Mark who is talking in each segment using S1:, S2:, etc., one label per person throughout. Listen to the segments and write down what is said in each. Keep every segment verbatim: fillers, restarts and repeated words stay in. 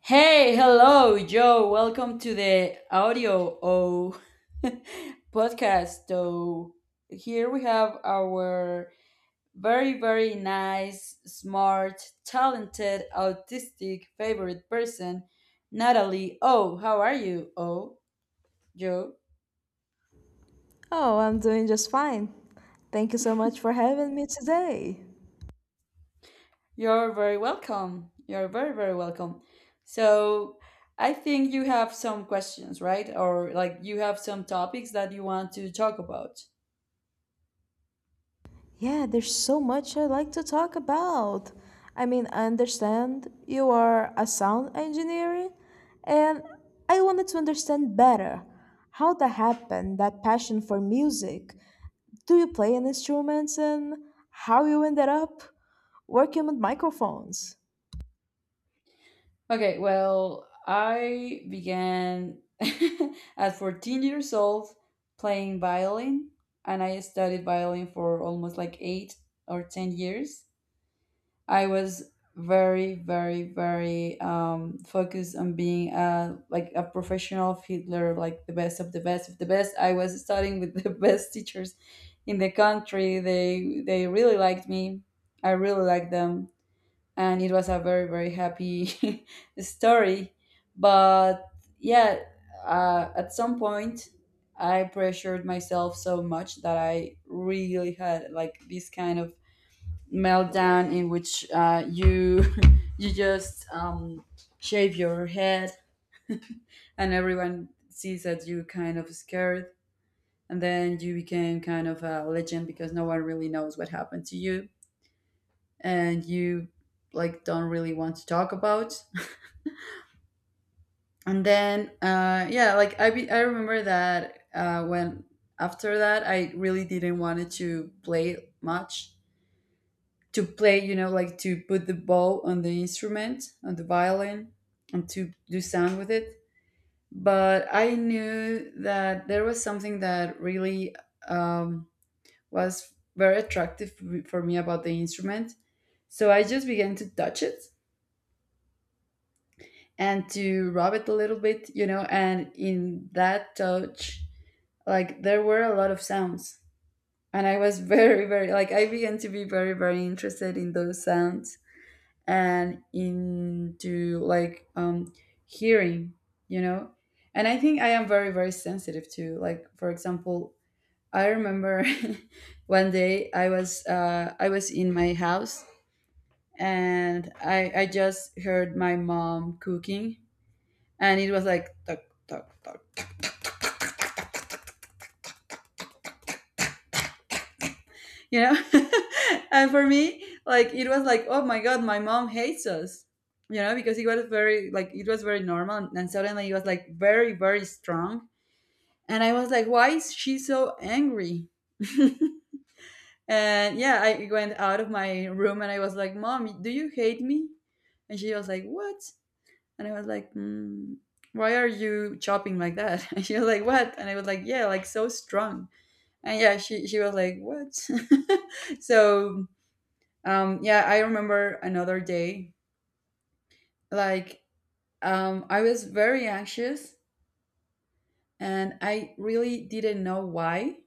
S1: Hey, hello, Joe. Welcome to the audio o podcast. So here we have our very, very nice, smart, talented, autistic favorite person, Natalie. Oh, how are you? Oh, Joe,
S2: Oh, I'm doing just fine. Thank you so much for having me today.
S1: you're very welcome. You're very, very welcome. So I think you have some questions, right? Or like you have some topics that you want to talk about.
S2: Yeah, there's so much I like to talk about. I mean, I understand you are a sound engineer, and I wanted to understand better how that happened, that passion for music. Do you play any instruments and how you ended up working with microphones?
S1: Okay, well, I began at fourteen years old playing violin, and I studied violin for almost like eight or ten years. I was very, very, very um, focused on being a, like a professional fiddler, like the best of the best of the best. I was studying with the best teachers in the country. They they really liked me. I really liked them, and it was a very very happy story. But yeah, uh, at some point I pressured myself so much that I really had like this kind of meltdown, in which uh, you you just um, shave your head and everyone sees that you kind of scared, and then you became kind of a legend because no one really knows what happened to you and you like don't really want to talk about. And then uh yeah, like i be, I remember that uh when after that I really didn't want it to play much, to play, you know, like to put the bow on the instrument, on the violin, and to do sound with it. But I knew that there was something that really um, was very attractive for me about the instrument, so I just began to touch it and to rub it a little bit, you know, and in that touch, like there were a lot of sounds. And I was very, very, like I began to be very, very interested in those sounds and into like um, hearing, you know. And I think I am very, very sensitive to, like, for example, I remember one day I was uh, I was in my house, and I, I just heard my mom cooking, and it was like talk, talk talk you know. And for me, like, it was like, oh my god, my mom hates us, you know, because it was very like, it was very normal, and suddenly it was like very very strong, and I was like, why is she so angry? And yeah, I went out of my room and I was like, mom, do you hate me? And she was like, what? And I was like, mm, why are you chopping like that? And she was like, what? And I was like, yeah, like so strong. And yeah, she she was like, what? So um yeah, I remember another day, like, um I was very anxious and I really didn't know why.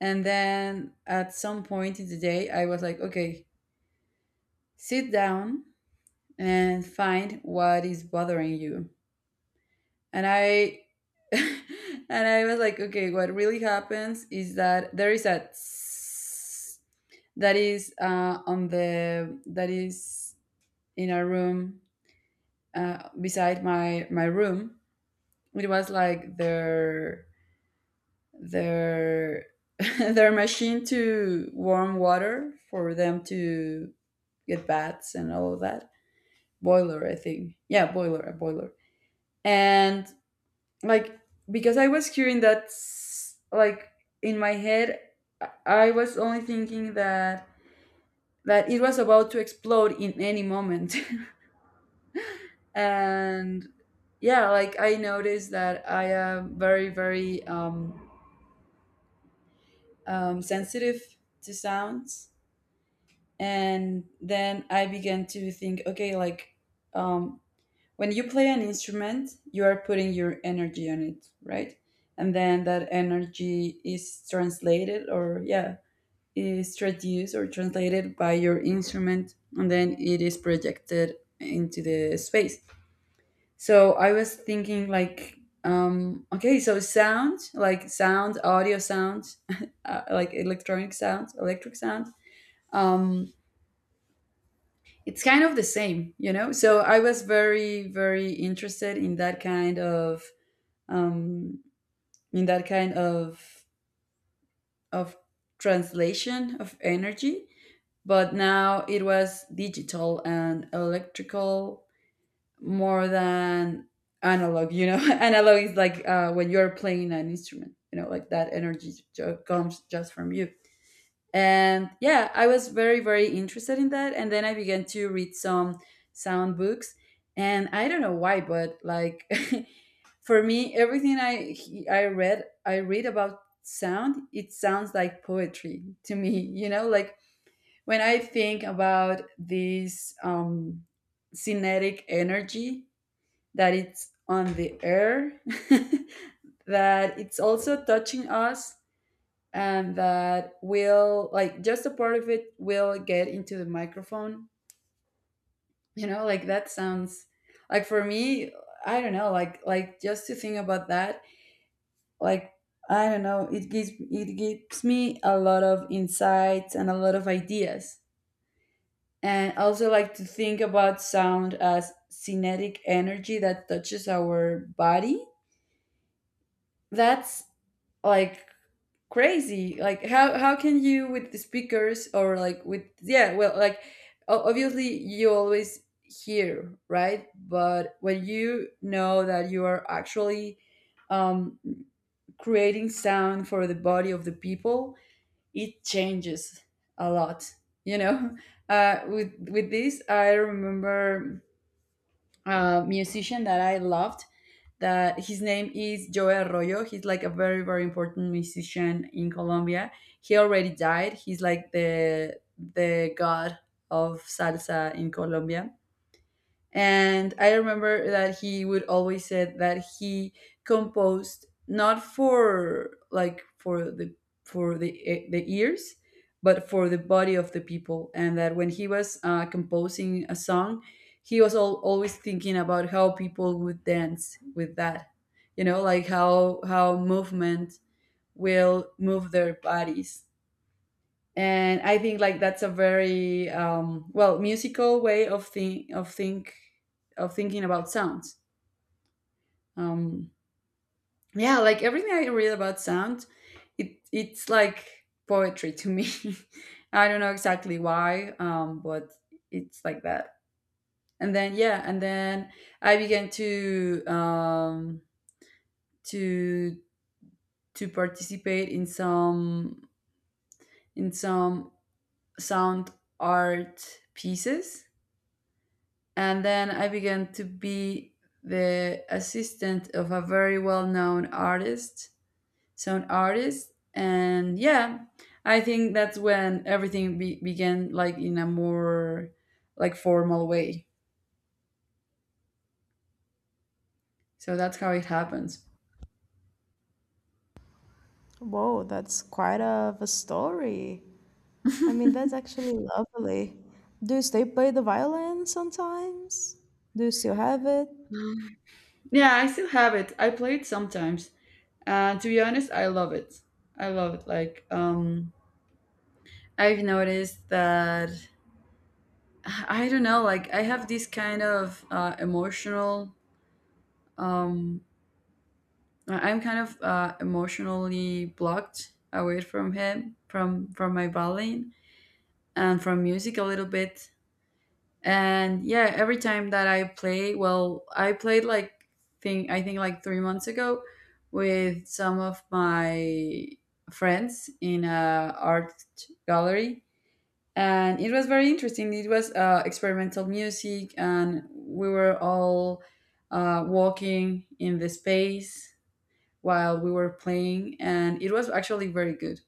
S1: And then at some point in the day I was like, okay, sit down and find what is bothering you. And I and I was like, okay, what really happens is that there is a tss that is uh on the, that is in a room uh, beside my my room. It was like their their their machine to warm water for them to get baths and all of that. Boiler, I think. Yeah, boiler, a boiler. And like, because I was hearing that, s- like in my head, I I was only thinking that that it was about to explode in any moment. And yeah, like I noticed that I am very very um, um, sensitive to sounds. And then I began to think, okay, like, um, when you play an instrument, you are putting your energy on it, right? And then that energy is translated, or yeah, is traduced or translated by your instrument, and then it is projected into the space. So I was thinking like, um, okay, so sound, like sound, audio sound, uh, like electronic sound, electric sound. Um, it's kind of the same, you know. So I was very, very interested in that kind of, um, in that kind of of translation of energy. But now it was digital and electrical more than analog, you know. Analog is like, uh, when you're playing an instrument, you know, like that energy ju- comes just from you. And yeah, I was very very interested in that, and then I began to read some sound books. And I don't know why, but like, for me everything i i read I read about sound, it sounds like poetry to me. You know, like when I think about this um kinetic energy that it's on the air, that it's also touching us, and that will, like, just a part of it will get into the microphone. You know, like that sounds like, for me, I don't know, like, like just to think about that, like, I don't know, it gives it gives me a lot of insights and a lot of ideas. And I also like to think about sound as kinetic energy that touches our body. That's like crazy, like how how can you with the speakers, or like with, yeah, well, like o- obviously you always hear, right? But when you know that you are actually um creating sound for the body of the people, it changes a lot, you know. uh with with this, I remember uh, musician that I loved. That his name is Joe Arroyo. He's like a very very important musician in Colombia. He already died. He's like the the god of salsa in Colombia. And I remember that he would always said that he composed not for like for the, for the e- the ears, but for the body of the people, and that when he was uh, composing a song, he was al always thinking about how people would dance with that, you know, like how how movement will move their bodies. And I think like that's a very um, well, musical way of think of think of thinking about sounds. um, yeah, like everything I read about sound, it it's like poetry to me. I don't know exactly why, um, but it's like that. And then yeah, and then I began to um, to to participate in some, in some sound art pieces. And then I began to be the assistant of a very well-known artist, sound artist, and yeah, I think that's when everything be- began, like in a more like formal way. So that's how it happens.
S2: Whoa, that's quite of a story. I mean, that's actually lovely. Do you still play the violin sometimes? Do you still have it?
S1: Yeah, I still have it. I play it sometimes. Uh, to be honest, I love it. I love it. Like, um, I've noticed that I don't know. Like, I have this kind of uh, emotional um, I- I'm kind of uh, emotionally blocked away from him, from from my violin and from music a little bit. And yeah, every time that I play, well, I played like thing, I think, like three months ago with some of my friends in a art gallery, and it was very interesting. It was uh, experimental music, and we were all uh, walking in the space while we were playing, and it was actually very good.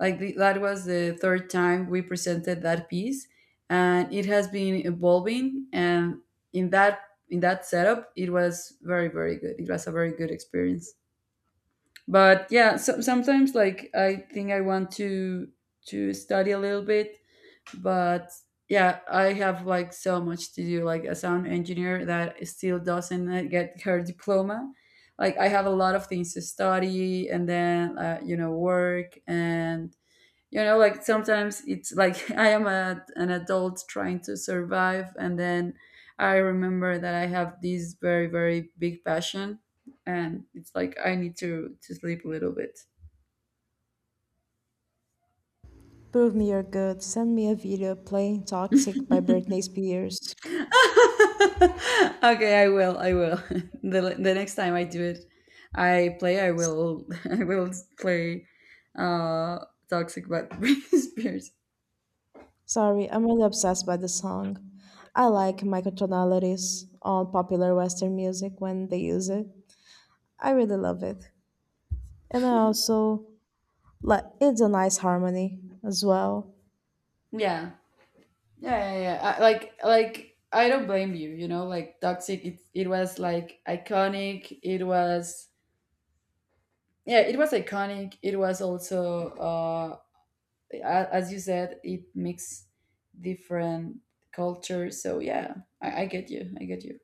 S1: Like the, that was the third time we presented that piece, and it has been evolving. And in that, in that setup, it was very very good. It was a very good experience. But yeah, so, sometimes like I think I want to to study a little bit. But yeah, I have like so much to do, like a sound engineer that still doesn't uh, get her diploma. Like I have a lot of things to study, and then uh, you know, work, and you know, like sometimes it's like I am a, an adult trying to survive, and then I remember that I have this very very big passion, and it's like I need to to sleep a little bit.
S2: Prove me you're good. Send me a video playing Toxic by Britney Spears.
S1: Okay, I will. I will. the The next time I do it, I play. I
S2: S-
S1: will. I will play. Uh, toxic but Britney Spears.
S2: Sorry, I'm really obsessed by the song. I like microtonalities on popular Western music when they use it. I really love it. And I also, like, it's a nice harmony as well.
S1: Yeah. Yeah, yeah, yeah. I, like, like I don't blame you. You know, like toxic. It it was like iconic. It was, yeah. It was iconic. It was also uh, a- as you said, it mixed different cultures. So yeah, I, I get you. I get you.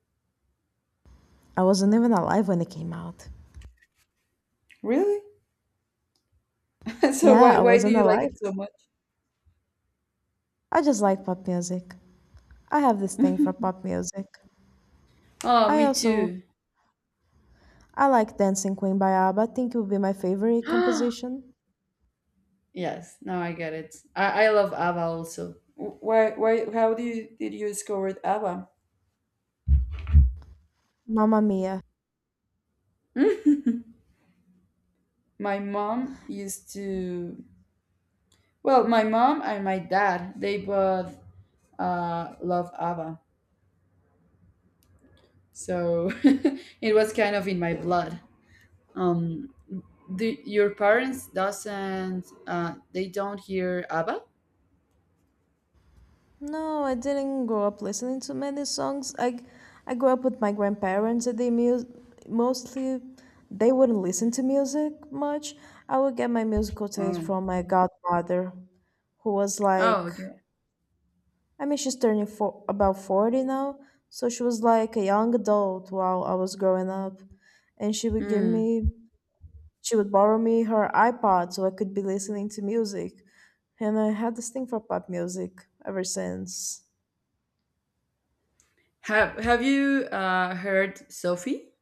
S2: I wasn't even alive when it came out.
S1: Really? So
S2: Yeah,
S1: why
S2: I
S1: why do
S2: wasn't
S1: you like
S2: alive.
S1: it so much?
S2: I just like pop music. I have this thing for pop music.
S1: Oh,
S2: I
S1: me
S2: also
S1: too.
S2: I like Dancing Queen by ABBA. I think it would be my favorite composition.
S1: Yes, now I get it. I, I love Ava also. Wh- Why why how do you, did you discover ABBA?
S2: Mamma Mia.
S1: My mom used to, well, my mom and my dad, they both uh, love ABBA, so it was kind of in my blood. Um, do, your parents doesn't uh, they don't hear ABBA?
S2: No, I didn't grow up listening to many songs. I I grew up with my grandparents and they mu- mostly they wouldn't listen to music much. I would get my musical taste
S1: Mm.
S2: from my godmother, who was
S1: Oh,
S2: like,
S1: okay.
S2: I mean, she's turning for about forty now, so she was like a young adult while I was growing up, and she would give
S1: Mm.
S2: me she would borrow me her iPod so I could be listening to music. And I had this thing for pop music ever since.
S1: Have Have you uh, heard Sophie,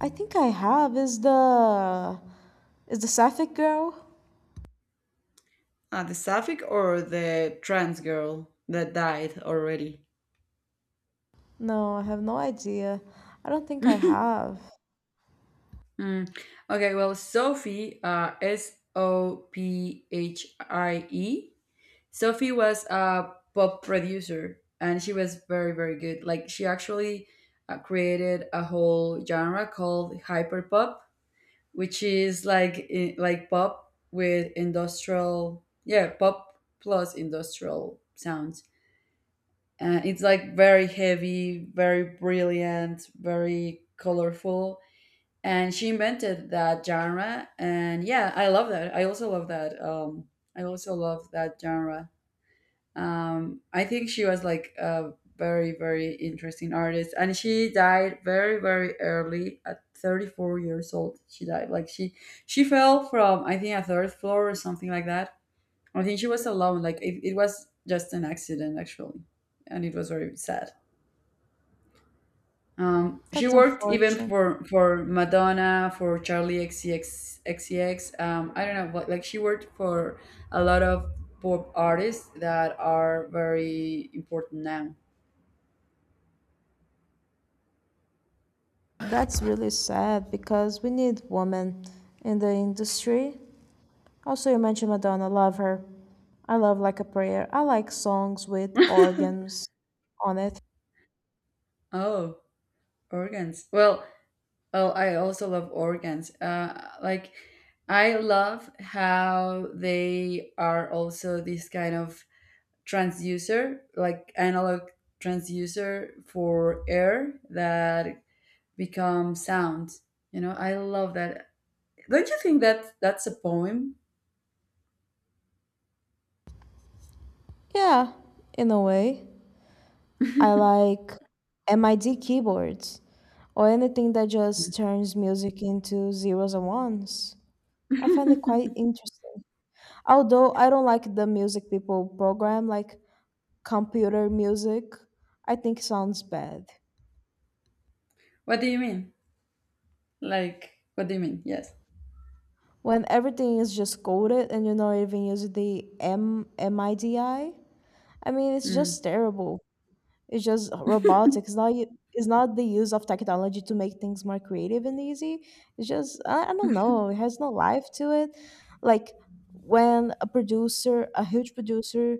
S2: I think I have, is the is the Sapphic girl?
S1: uh, the sapphic or the trans girl that died already?
S2: No, I have no idea. I don't think I have.
S1: Mm. Okay, well, Sophie, uh, S O P H I E. Sophie was a pop producer and she was very, very good. Like, she actually uh, created a whole genre called hyperpop, which is like i- like pop with industrial, yeah, pop plus industrial sounds. Uh, it's like very heavy, very brilliant, very colorful. And she invented that genre. And yeah, I love that. I also love that. Um, I also love that genre. Um, I think she was like a very, very interesting artist. And she died very, very early at thirty-four years old. She died. Like she, she fell from, I think, a third floor or something like that. I think she was alone. Like it, it was just an accident, actually. And it was very sad. Um, she
S2: That's
S1: worked even
S2: unfortunate.
S1: for for Madonna, for Charlie X C X. Um, I don't know, but like she worked for a lot of pop artists that are very important now.
S2: That's really sad because we need women in the industry. Also, you mentioned Madonna. Love her. I love Like a Prayer. I like songs with organs on it.
S1: Oh, organs. Well, oh, I also love organs. Uh, like I love how they are also this kind of transducer, like analog transducer for air that become sound. You know, I love that. Don't you think that that's a poem?
S2: Yeah, in a way.
S1: what
S2: I like MIDI keyboards or anything that just turns music into zeros and ones. I find it quite interesting. Although I don't like the music people program, like computer music, I think it sounds bad.
S1: do you mean? Like, what do you mean? Yes.
S2: When everything is just coded and you're not even using the M MIDI, I D I, I mean, it's
S1: Mm.
S2: just terrible. It's just robotics. Not y- It's not the use of technology to make things more creative and easy. It's just, I, I don't know, it has no life to it. Like when a producer, a huge producer,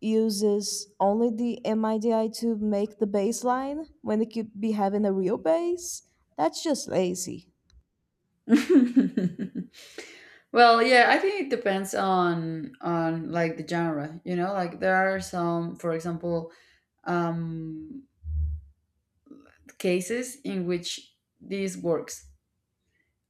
S2: uses only the MIDI to make the bass line when they could be having a real bass. That's just lazy.
S1: well, yeah, I think it depends on on like the genre. You know, like there are some, for example, um, cases in which this works.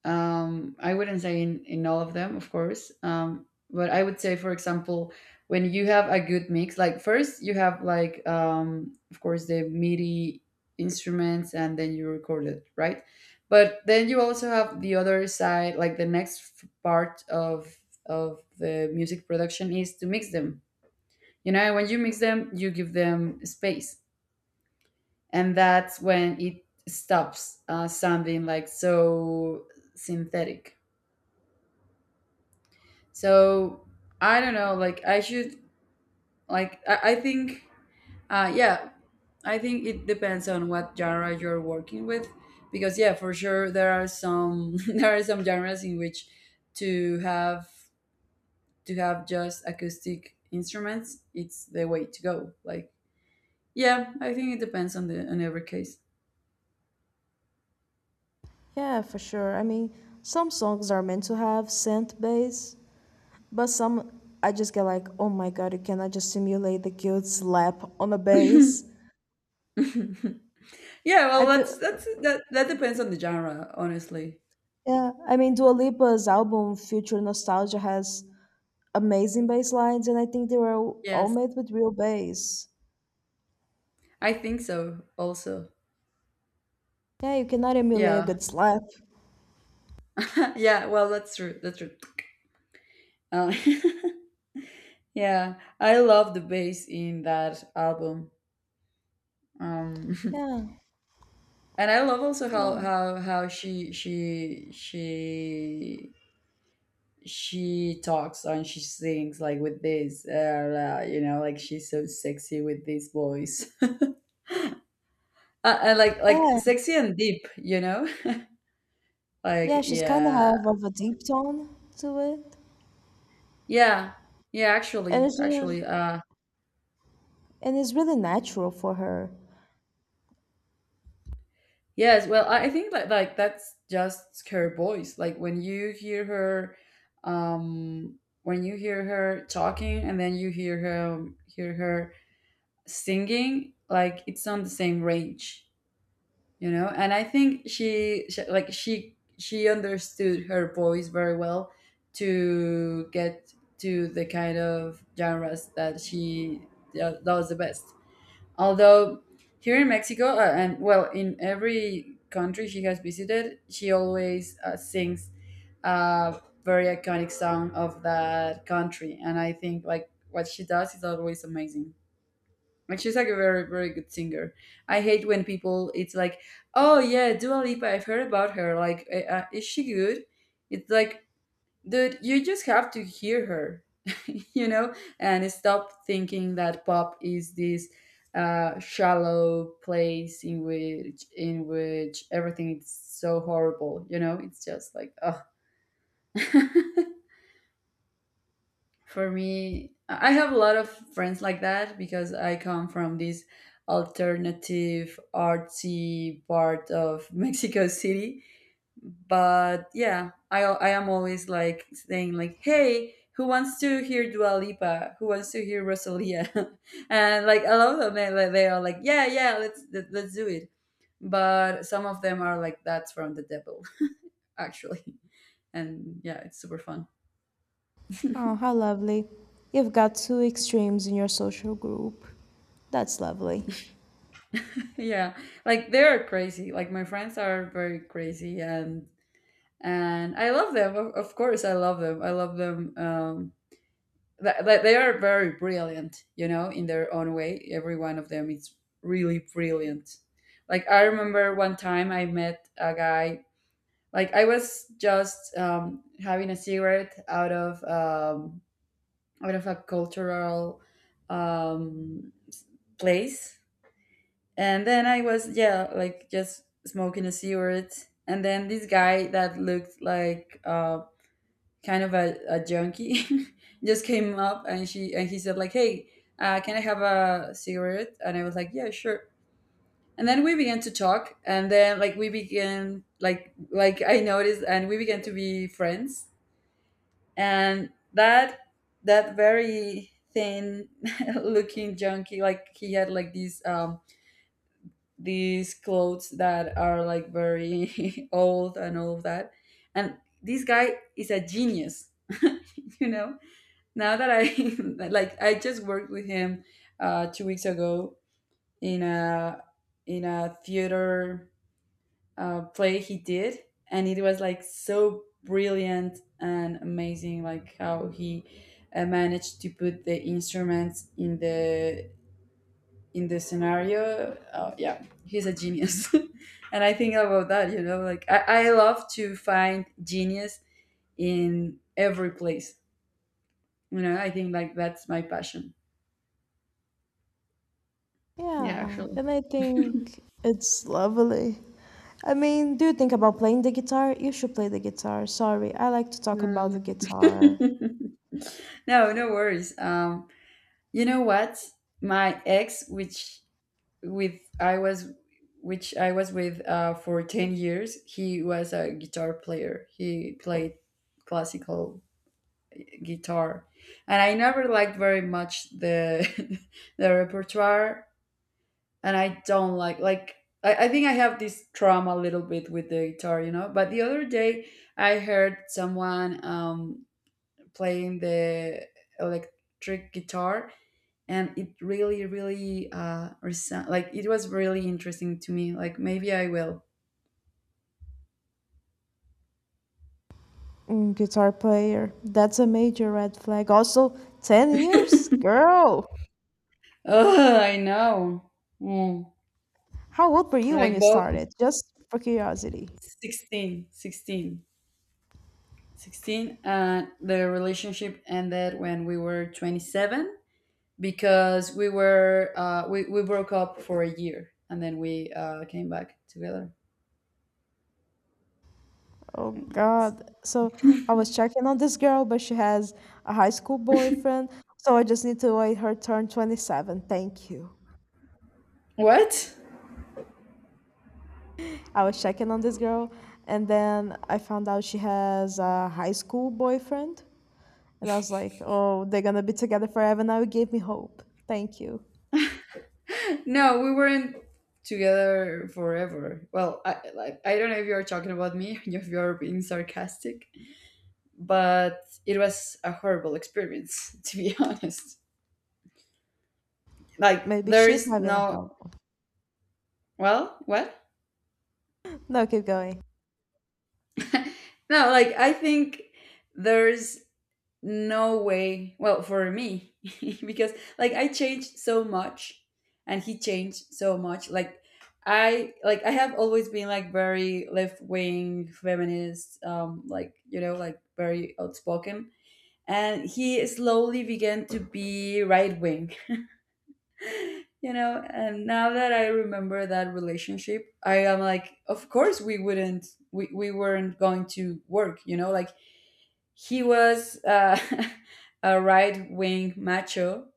S1: Um, I wouldn't say in, in all of them, of course. Um, but I would say, for example, when you have a good mix, like first you have like um, of course the MIDI instruments, and then you record it, right? But then you also have the other side, like the next f- part of of the music production is to mix them. You know, when you mix them, you give them space, and that's when it stops uh, sounding like so synthetic. So I don't know. Like I should like I, I think uh, yeah I think it depends on what genre you're working with because yeah for sure there are some there are some genres in which to have to have just acoustic instruments it's the way to go. Like yeah I think it depends on the on every case.
S2: Yeah, for sure. I mean, some songs are meant to have synth bass, but some, I just get like, oh my god, you cannot just simulate the guilt slap on a bass.
S1: yeah,
S2: I
S1: well,
S2: feel,
S1: that's that's that that depends on the genre, honestly.
S2: yeah. I mean, Dua Lipa's album Future Nostalgia has amazing bass lines, and I think they were all
S1: Yes,
S2: made with real bass.
S1: I think so. Also,
S2: Yeah, you cannot emulate a
S1: yeah.
S2: good slap.
S1: yeah, well, that's true. That's true. Um, yeah, I love the bass in that album. Um,
S2: Yeah,
S1: and I love also
S2: yeah,
S1: how how how she she she she talks and she sings like with this uh, uh, you know like she's so sexy with this voice uh, and like like
S2: yeah,
S1: sexy and deep, you know.
S2: yeah.
S1: like
S2: She's kind of
S1: yeah
S2: have of a deep tone to it,
S1: yeah yeah
S2: and
S1: actually
S2: it's just,
S1: actually uh
S2: and it's really natural for her.
S1: Yes, well, I I think like like that's just her voice. Like when you hear her, um, when you hear her talking, and then you hear her hear her singing, like it's on the same range, you know. And I think she, she like she she understood her voice very well to get to the kind of genres that she uh, does the best. Although here in Mexico, uh, and well, in every country she has visited, she always uh, sings a very iconic song of that country. And I think like what she does is always amazing. Like she's like a very, very good singer. I hate when people, it's like, oh yeah, Dua Lipa, I've heard about her. Like, uh, uh, is she good? It's like, dude, you just have to hear her, you know, and stop thinking that pop is this uh, shallow place in which in which everything is so horrible. You know, it's just like, oh. For me, I I have a lot of friends like that because I come from this alternative artsy part of Mexico City, but yeah, I I am always like saying like, hey, who wants to hear Dua Lipa? Who wants to hear Rosalia? and like a lot of them, they, they are like, yeah, yeah, let's let, let's do it. But some of them are like, that's from the devil, actually. And yeah, it's super fun.
S2: Oh, how lovely. You've got two extremes in your social group. That's lovely.
S1: yeah, like they are crazy. Like my friends are very crazy, and and I love them. Of, of course, I love them. I love them. Um, Th- th- they are very brilliant, you know, in their own way. Every one of them is really brilliant. Like I remember one time I met a guy. Like I was just um, having a cigarette out of um, out of a cultural um, place, and then I was yeah, like just smoking a cigarette, and then this guy that looked like uh, kind of a, a junkie just came up and she and he said like hey, uh, can I have a cigarette, and I was like yeah sure. And then we began to talk, and then like we began like like I noticed and we began to be friends. And that that very thin looking junkie, like he had like these um these clothes that are like very old and all of that. And this guy is a genius, you know. Now that I like I just worked with him uh, two weeks ago in a in a theater uh, play he did, and it was like so brilliant and amazing, like how he uh, managed to put the instruments in the in the scenario. Uh, yeah, he's a genius, and I think about that. You know, like I, I love to find genius in every place. You know, I think like that's my passion. Yeah,
S2: Yeah,
S1: actually.
S2: and I think it's lovely. I mean, do you think about playing the guitar? You should play the guitar. Sorry, I like to talk about
S1: Mm.
S2: the guitar.
S1: no, no worries. Um, you know what? My ex, which with I was, which I was with uh, for ten years, he was a guitar player. He played classical guitar, and I never liked very much the the repertoire. And I don't like like I, I think I have this trauma a little bit with the guitar, you know. But the other day, I heard someone. Um, playing the electric guitar, and it really really uh reson- like it was really interesting to me, like maybe I will.
S2: Mm, guitar player. That's a major red flag. Also, ten years? Girl,
S1: oh I know. Mm.
S2: how old were you when
S1: like
S2: you
S1: both
S2: started? Just for curiosity.
S1: sixteen, sixteen, sixteen, and the relationship ended when we were twenty-seven because we were uh, we, we broke up for a year and then we uh, came back together.
S2: Oh
S1: Yes.
S2: God. So I was checking on this girl, but she has a high school boyfriend. So I just need to wait her turn twenty-seven. Thank you.
S1: what.
S2: I was checking on this girl, and then I found out she has a high school boyfriend. And I was like, oh, they're gonna be together forever now. It gave me hope. Thank you.
S1: No, we weren't together forever. Well, I like I don't know if you're talking about me, if you're being sarcastic, but it was a horrible experience to be honest. Like
S2: Maybe
S1: there
S2: she's
S1: is
S2: having a hard
S1: no
S2: one.
S1: well, what?
S2: No, keep going.
S1: no, like I think there's no way. Well, for me, because like I changed so much and he changed so much. Like I like I have always been like very left wing feminist, um, like you know, like very outspoken. And he slowly began to be right wing, you know. And now that I remember that relationship, I am like, of course we wouldn't, we, we weren't going to work, you know. Like he was uh, a right wing macho,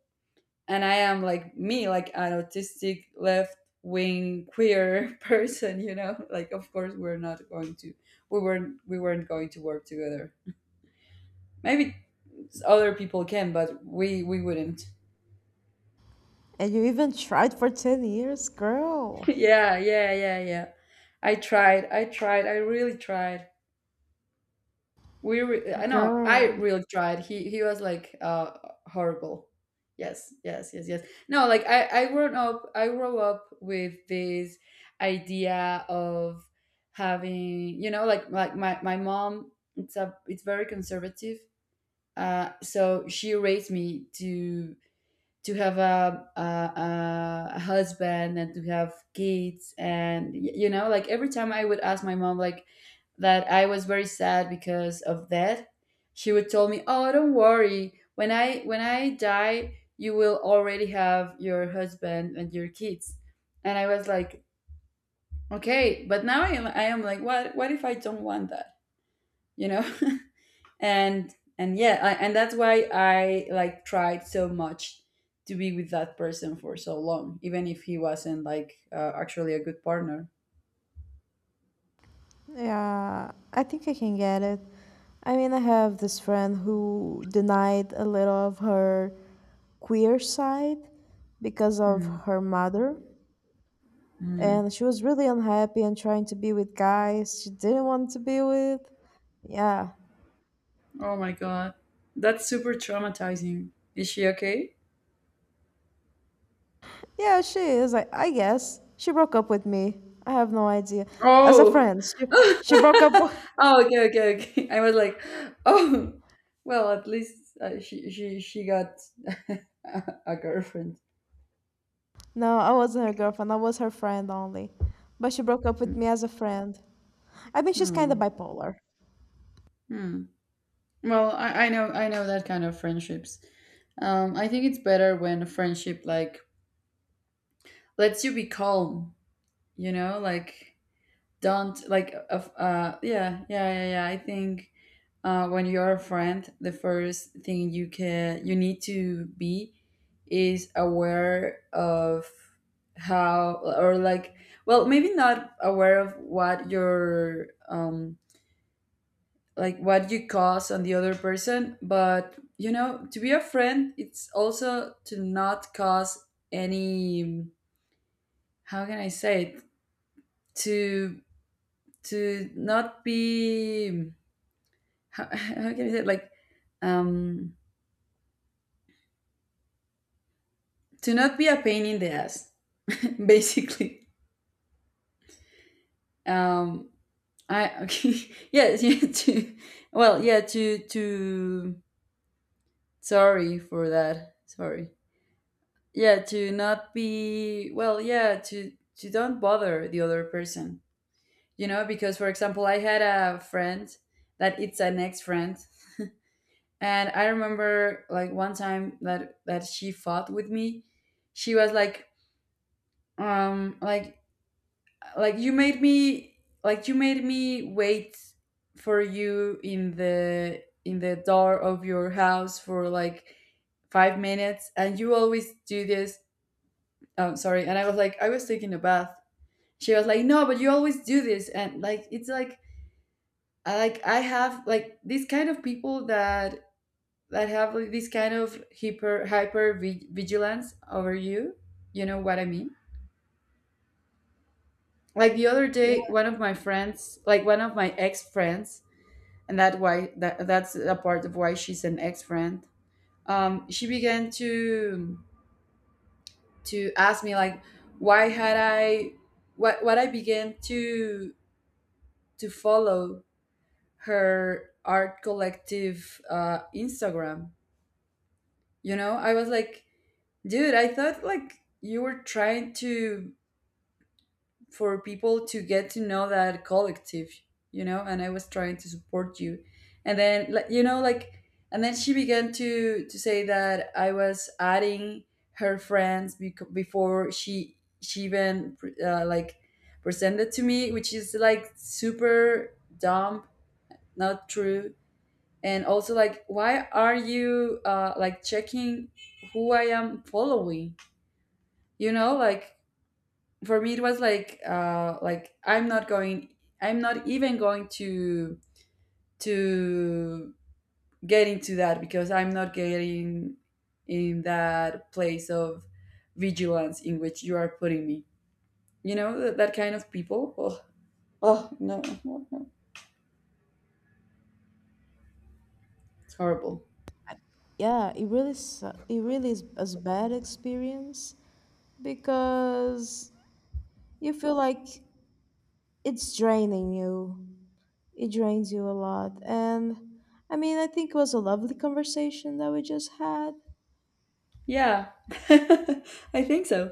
S1: and I am like me like an autistic left wing queer person, you know, like of course we're not going to, we weren't we weren't going to work together. Maybe other people can, but we we wouldn't.
S2: And you even tried for ten years? Girl,
S1: yeah yeah yeah yeah, i tried i tried I really tried. We re- I know I
S2: girl.
S1: really tried. He he was like uh horrible. Yes, yes, yes, yes. No, like I I grew up I grew up with this idea of having, you know, like like my my mom it's a it's very conservative. Uh, so she raised me to to have a, a, a husband and to have kids. And y- you know, like every time I would ask my mom like that I was very sad because of that, she would tell me, oh don't worry, when I when i die you will already have your husband and your kids. And I was like, okay, but now i am i am like what what if I don't want that, you know. and and yeah, I, and that's why I like tried so much to be with that person for so long even if he wasn't like uh, actually a good partner.
S2: Yeah, I think I can get it. I mean, I have this friend who denied a little of her queer side because of
S1: Hmm.
S2: her mother,
S1: Hmm.
S2: and she was really unhappy and trying to be with guys she didn't want to be with. Yeah,
S1: Oh my god, that's super traumatizing. Is she okay?
S2: yeah, she is. I, I guess she broke up with me. I have no idea. As a
S1: Oh
S2: friend, she, she broke up.
S1: oh okay okay okay I was like oh, well at least uh, she she she got a girlfriend.
S2: No, I wasn't her girlfriend. I was her friend only, but she broke up with me as a friend. I mean, she's kind of
S1: Hmm.
S2: bipolar.
S1: Hmm. Well, I, I know I know that kind of friendships. Um, I think it's better when a friendship like lets you be calm. You know, like don't like uh, uh yeah yeah yeah yeah. I think uh, when you're a friend, the first thing you can you need to be is aware of how, or like well maybe not aware of what your um like what you cause on the other person, but you know to be a friend it's also to not cause any, how can I say it, to to not be, how, how can I say it, like um to not be a pain in the ass, basically. um I okay yes yeah, to, well yeah to to sorry for that, sorry. Yeah, to not be, well yeah to to don't bother the other person, you know. Because for example I had a friend that it's an ex-friend, and I remember like one time that that she fought with me, she was like um like like you made me like you made me wait for you in the in the door of your house for like five minutes and you always do this. Oh sorry, and I was like I was taking a bath. She was like no, but you always do this. And like it's like I like I have like these kind of people that that have like this kind of hyper hyper vi- vigilance over you, you know what I mean. Like the other day, one of my friends, like one of my ex friends, and that why that that's a part of why she's an ex friend, um she began to to ask me like why had I, what what I began to to follow her art collective uh, Instagram. You know, I was like, dude, I thought like you were trying to, for people to get to know that collective, you know, and I was trying to support you, and then like you know like, and then she began to to say that I was adding her friends bec- before she she even uh, like presented to me, which is like super dumb, not true. And also, like why are you uh like checking who I am following, you know. Like for me it was like uh like I'm not going, I'm not even going to to get into that because I'm not getting in that place of vigilance in which you are putting me, you know. That, that kind of people, oh, oh no, no no, it's horrible.
S2: Yeah, it really su- it really is a bad experience, because you feel like it's draining you, it drains you a lot. And I mean, I think it was a lovely conversation that we just had.
S1: Yeah I think so.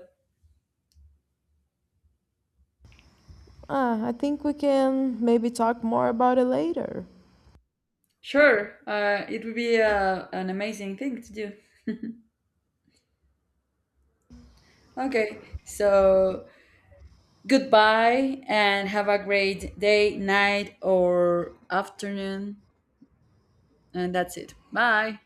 S2: uh, I think we can maybe talk more about it later.
S1: Sure, uh, it would be uh, an amazing thing to do. Okay, so goodbye and have a great day, night, or afternoon. And that's it. Bye.